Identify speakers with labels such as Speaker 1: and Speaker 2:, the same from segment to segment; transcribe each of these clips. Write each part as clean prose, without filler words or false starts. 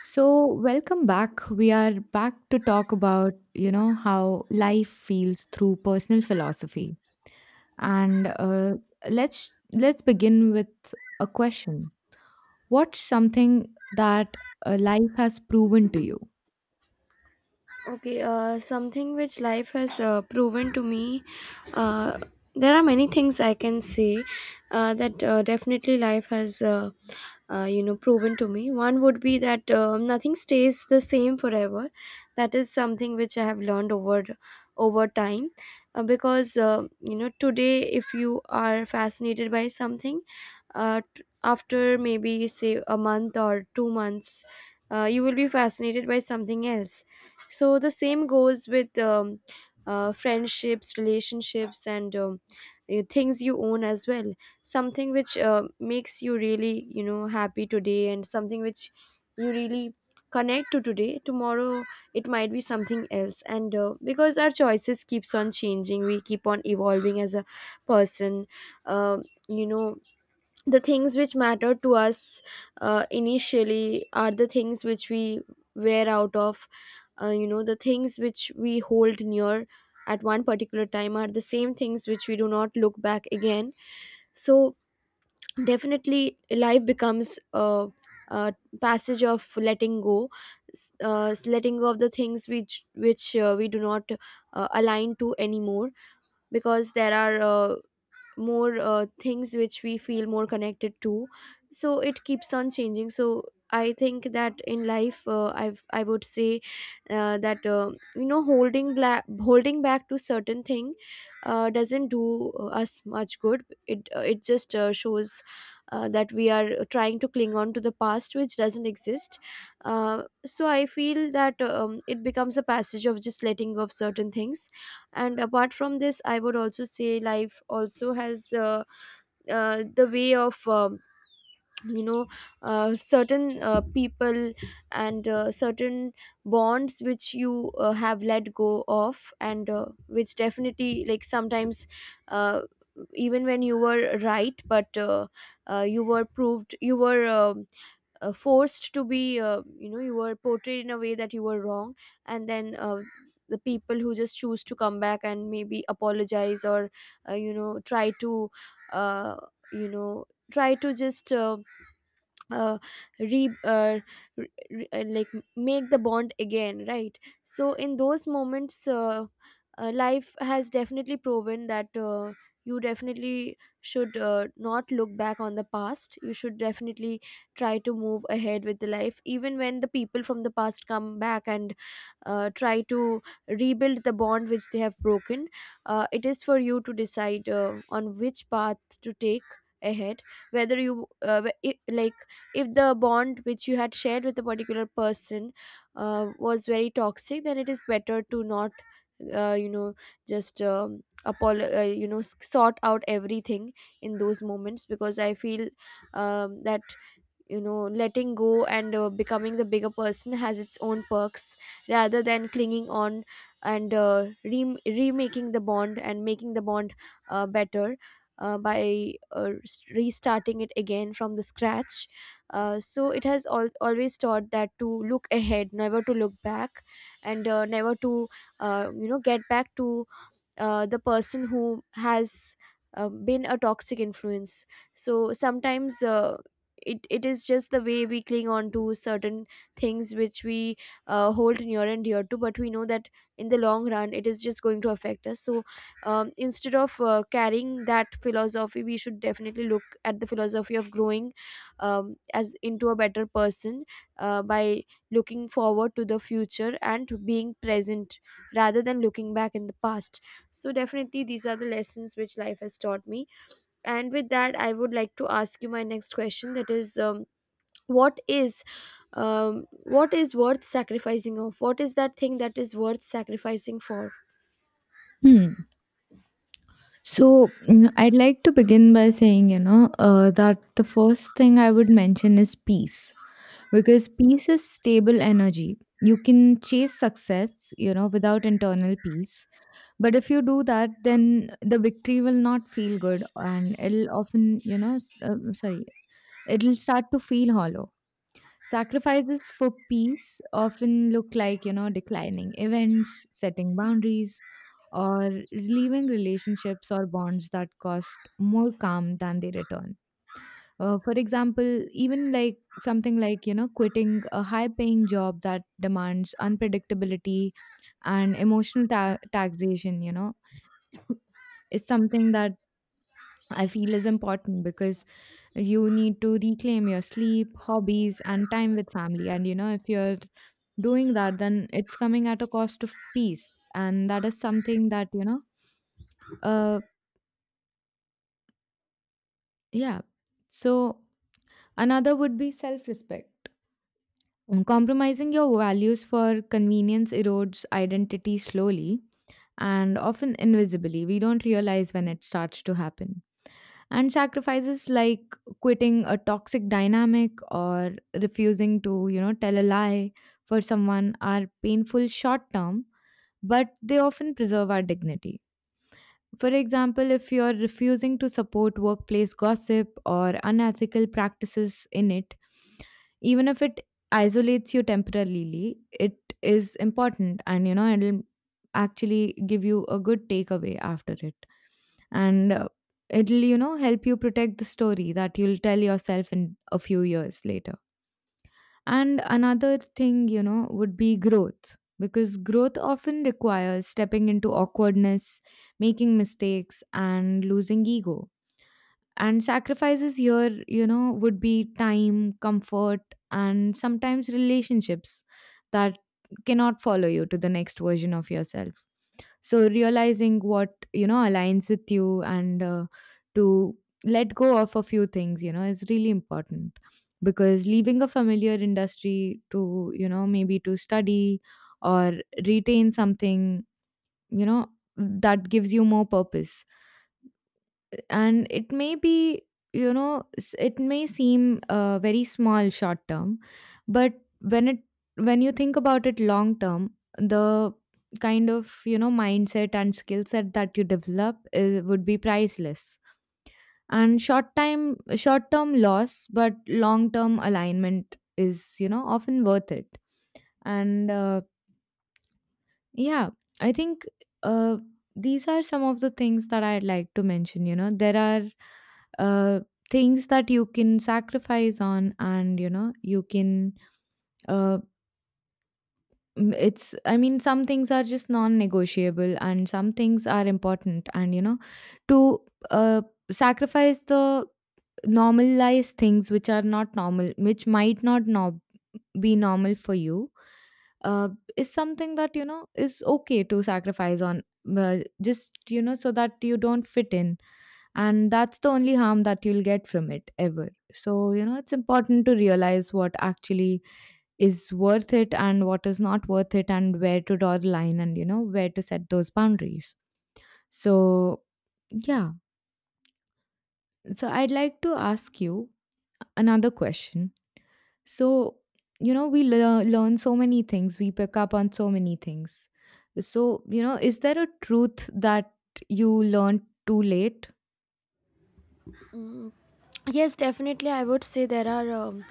Speaker 1: So, welcome back. We are back to talk about, you know, how life feels through personal philosophy. And Let's begin with a question. What's something that life has proven to you?
Speaker 2: Okay, Something which life has proven to me. Uh, there are many things I can say that definitely life has proven to me. One would be that nothing stays the same forever. That is something which I have learned over time, because you know, today if you are fascinated by something, after maybe say a month or 2 months, you will be fascinated by something else. So the same goes with friendships, relationships, and things you own as well. Something which makes you really, you know, happy today, and something which you really connect to today, tomorrow it might be something else. And because our choices keeps on changing, we keep on evolving as a person. Um, you know the things which matter to us initially are the things which we wear out of. The things which we hold near at one particular time are the same things which we do not look back again. So definitely life becomes a passage of letting go. Letting go of the things which we do not align to anymore, because there are uh, more things which we feel more connected to. So it keeps on changing. So I think that in life, I would say that you know, holding back to certain thing doesn't do us much good. It just shows that we are trying to cling on to the past which doesn't exist. So I feel that it becomes a passage of just letting go of certain things. And apart from this, I would also say life also has the way of you know certain people and certain bonds which you have let go of, and which definitely, like sometimes, uh, even when you were right, but you were proved, you were forced to be, you were portrayed in a way that you were wrong. And then the people who just choose to come back and maybe apologize, or try to uh, you know try to just uh, re, uh, like make the bond again, right? So in those moments, life has definitely proven that you definitely should not look back on the past. You should definitely try to move ahead with the life even when the people from the past come back and try to rebuild the bond which they have broken. It is for you to decide on which path to take ahead. Whether you like, if the bond which you had shared with a particular person was very toxic, then it is better to not uh, you know just sort out everything in those moments, because I feel that, you know, letting go and becoming the bigger person has its own perks, rather than clinging on and remaking the bond, and making the bond better restarting it again from the scratch. So it has always taught that to look ahead, never to look back, and never to get back to the person who has been a toxic influence. So sometimes it is just the way we cling on to certain things which we hold near and dear to, but we know that in the long run it is just going to affect us. So instead of carrying that philosophy, we should definitely look at the philosophy of growing as into a better person, by looking forward to the future and being present rather than looking back in the past. So definitely these are the lessons which life has taught me. And with that, I would like to ask you my next question. That is, what is, what is worth sacrificing of? What is that thing that is worth sacrificing for?
Speaker 1: Hmm. So I'd like to begin by saying, you know, that the first thing I would mention is peace because peace is stable energy. You can chase success, you know, without internal peace. But if you do that, then the victory will not feel good, and it'll often, you know, sorry, it'll start to feel hollow. Sacrifices for peace often look like, you know, declining events, setting boundaries, or leaving relationships or bonds that cost more calm than they return. For example, even like something like, you know, quitting a high paying job that demands unpredictability and emotional taxation, you know, is something that I feel is important because you need to reclaim your sleep, hobbies, and time with family. And you know, if you're doing that, then it's coming at a cost of peace. And that is something that, you know, uh, yeah. So another would be self respect. Compromising your values for convenience erodes identity slowly and often invisibly. We don't realize when it starts to happen. And sacrifices like quitting a toxic dynamic or refusing to, you know, tell a lie for someone are painful short term, but they often preserve our dignity. For example, if you're refusing to support workplace gossip or unethical practices in it, even if it isolates you temporarily, it is important, and you know it'll actually give you a good takeaway after it. And it'll, you know, help you protect the story that you'll tell yourself in a few years later. And another thing, you know, would be growth, because growth often requires stepping into awkwardness, making mistakes, and losing ego. And sacrifices here, you know, would be time, comfort, and sometimes relationships that cannot follow you to the next version of yourself. So, realizing what, you know, aligns with you, and to let go of a few things, you know, is really important, because leaving a familiar industry to, you know, maybe to study or retain something, you know, that gives you more purpose, and it may be, you know, it may seem very small short term, but when it, when you think about it long term, the kind of, you know, mindset and skill set that you develop is, would be priceless. And short term loss but long term alignment is, you know, often worth it. And yeah, I think uh, these are some of the things that I'd like to mention. You know, there are uh, things that you can sacrifice on, and you know, you can. Uh, it's, I mean, some things are just non negotiable, and some things are important. And, you know, to uh, sacrifice the normalized things which are not normal, which might not be normal for you, uh, is something that, you know, is okay to sacrifice on, just, you know, so that you don't fit in. And that's the only harm that you'll get from it ever. So, you know, it's important to realize what actually is worth it and what is not worth it, and where to draw the line, and, you know, where to set those boundaries. So yeah, so I'd like to ask you another question. So, you know, we learn so many things, we pick up on so many things. So, you know, is there a truth that you learned too late?
Speaker 2: Mm, yes, definitely. I would say there are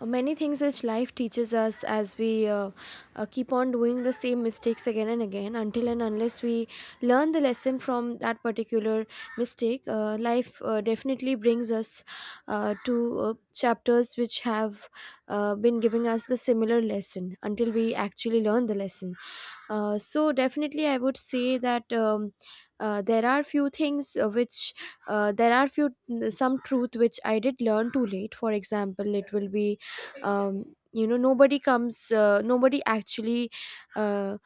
Speaker 2: many things which life teaches us as we keep on doing the same mistakes again and again, until and unless we learn the lesson from that particular mistake. Life definitely brings us to chapters which have been giving us the similar lesson until we actually learn the lesson. So definitely, I would say that there are few things which there are few, some truth which I did learn too late. For example, it will be, you know, nobody actually, Uh,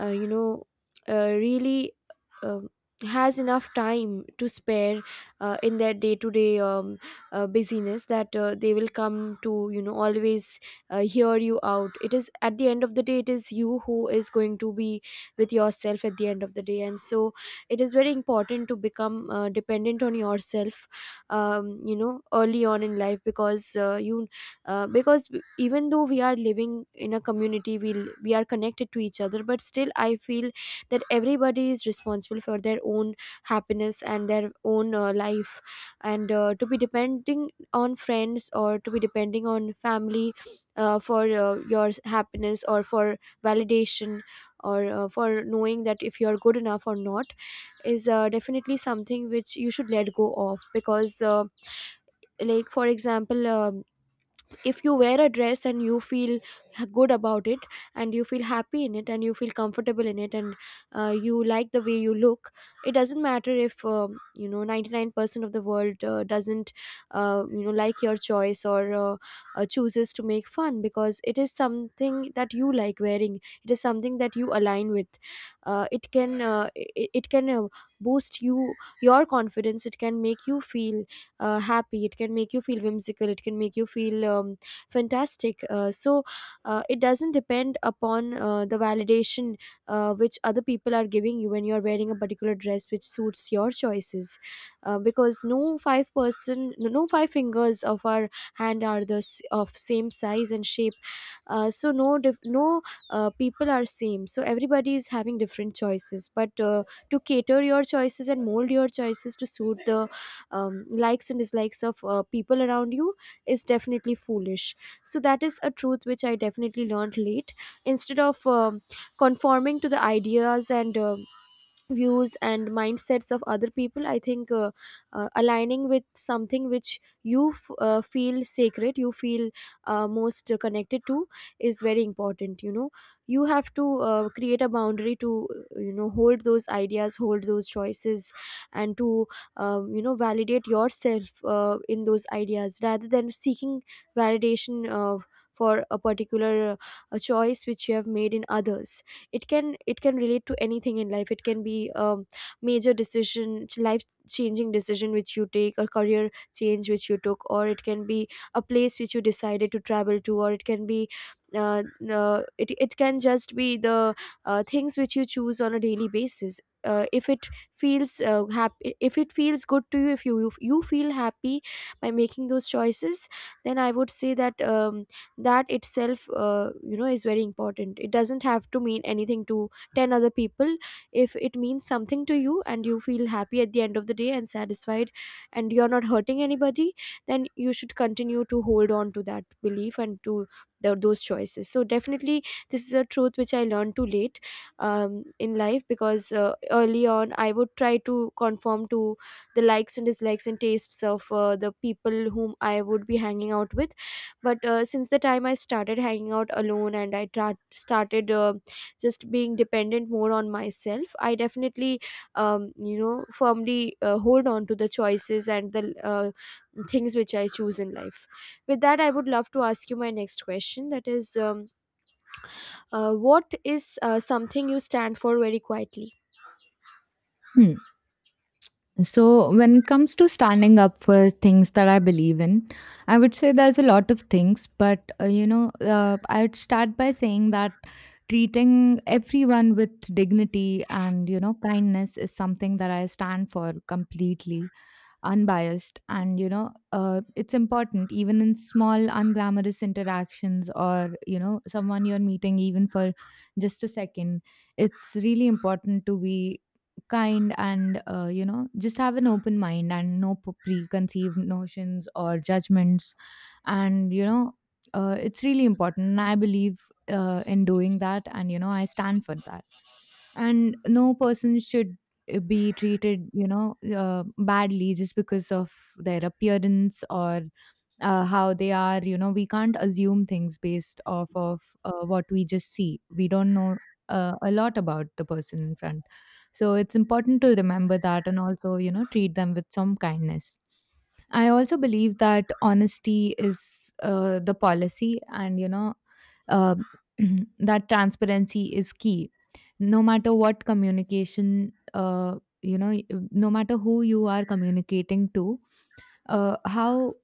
Speaker 2: uh, you know really um has enough time to spare in their day-to-day busyness, that they will come to, you know, always hear you out. It is at the end of the day, it is you who is going to be with yourself at the end of the day. And so it is very important to become dependent on yourself early on in life, because you because even though we are living in a community, we are connected to each other, but still I feel that everybody is responsible for their own happiness and their own life. And to be depending on friends or to be depending on family for your happiness, or for validation, or for knowing that if you are good enough or not, is definitely something which you should let go of. Because like, for example, if you wear a dress and you feel good about it, and you feel happy in it, and you feel comfortable in it, and you like the way you look, it doesn't matter if, 99% of the world doesn't, like your choice, or chooses to make fun. Because it is something that you like wearing, it is something that you align with. It can it, it can boost you your confidence, it can make you feel happy, it can make you feel whimsical, it can make you feel fantastic. It doesn't depend upon the validation which other people are giving you when you're wearing a particular dress which suits your choices. Because no five person, no five fingers of our hand are the of same size and shape. So no dif- no people are same, so everybody is having different choices. But to cater your choices and mold your choices to suit the likes and dislikes of people around you is definitely foolish. So that is a truth which I definitely learned late. Instead of conforming to the ideas and views and mindsets of other people, I think aligning with something which you feel sacred, you feel most connected to, is very important. You know, you have to create a boundary to, hold those ideas, hold those choices, and to validate yourself in those ideas, rather than seeking validation of, for a particular choice which you have made in others. It can relate to anything in life. It can be a major decision, life changing decision which you take, or career change which you took, or it can be a place which you decided to travel to, or it can be uh, it, it can just be the things which you choose on a daily basis. If it feels happy, if it feels good to you, if you feel happy by making those choices, then I would say that that itself, is very important. It doesn't have to mean anything to 10 other people. If it means something to you, and you feel happy at the end of the day and satisfied, and you're not hurting anybody, then you should continue to hold on to that belief and to those choices. So definitely this is a truth which I learned too late in life. Because early on, I would try to conform to the likes and dislikes and tastes of the people whom I would be hanging out with. But since the time I started hanging out alone, and I started just being dependent more on myself, I definitely firmly hold on to the choices and the things which I choose in life. With that, I would love to ask you my next question. That is, what is something you stand for very quietly?
Speaker 1: Hmm. So, when it comes to standing up for things that I believe in, I would say there's a lot of things, but you know, I'd start by saying that treating everyone with dignity and, you know, kindness is something that I stand for completely unbiased. And, you know, it's important even in small unglamorous interactions, or, you know, someone you're meeting even for just a second, it's really important to be kind. And you know, just have an open mind and no preconceived notions or judgments. And you know, it's really important, and I believe in doing that, and you know, I stand for that. And no person should be treated, you know, badly just because of their appearance, or how they are. You know, we can't assume things based off of what we just see. We don't know a lot about the person in front, so it's important to remember that, and also, you know, treat them with some kindness. I also believe that honesty is the policy, and you know, uh, that transparency is key. No matter what communication, you know, no matter who you are communicating to, how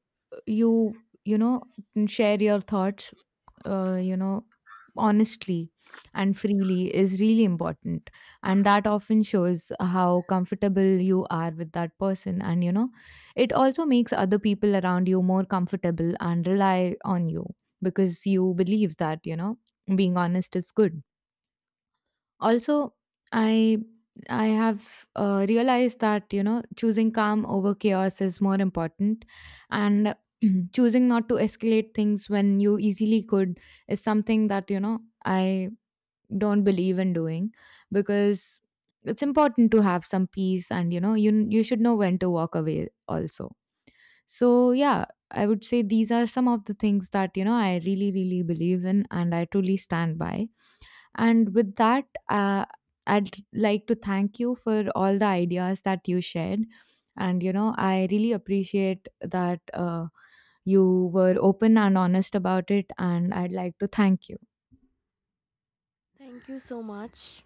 Speaker 1: you, you know, share your thoughts, you know, honestly and freely is really important. And that often shows how comfortable you are with that person, and you know, it also makes other people around you more comfortable and rely on you, because you believe that, you know, being honest is good. Also, I I have realized that, you know, choosing calm over chaos is more important, and choosing not to escalate things when you easily could is something that, you know, I don't believe in doing, because it's important to have some peace, and you know, you should know when to walk away also. So yeah, I would say these are some of the things that, you know, I really really believe in and I truly stand by. And with that, I'd like to thank you for all the ideas that you shared. And, you know, I really appreciate that you were open and honest about it. And I'd like to thank you.
Speaker 2: Thank you so much.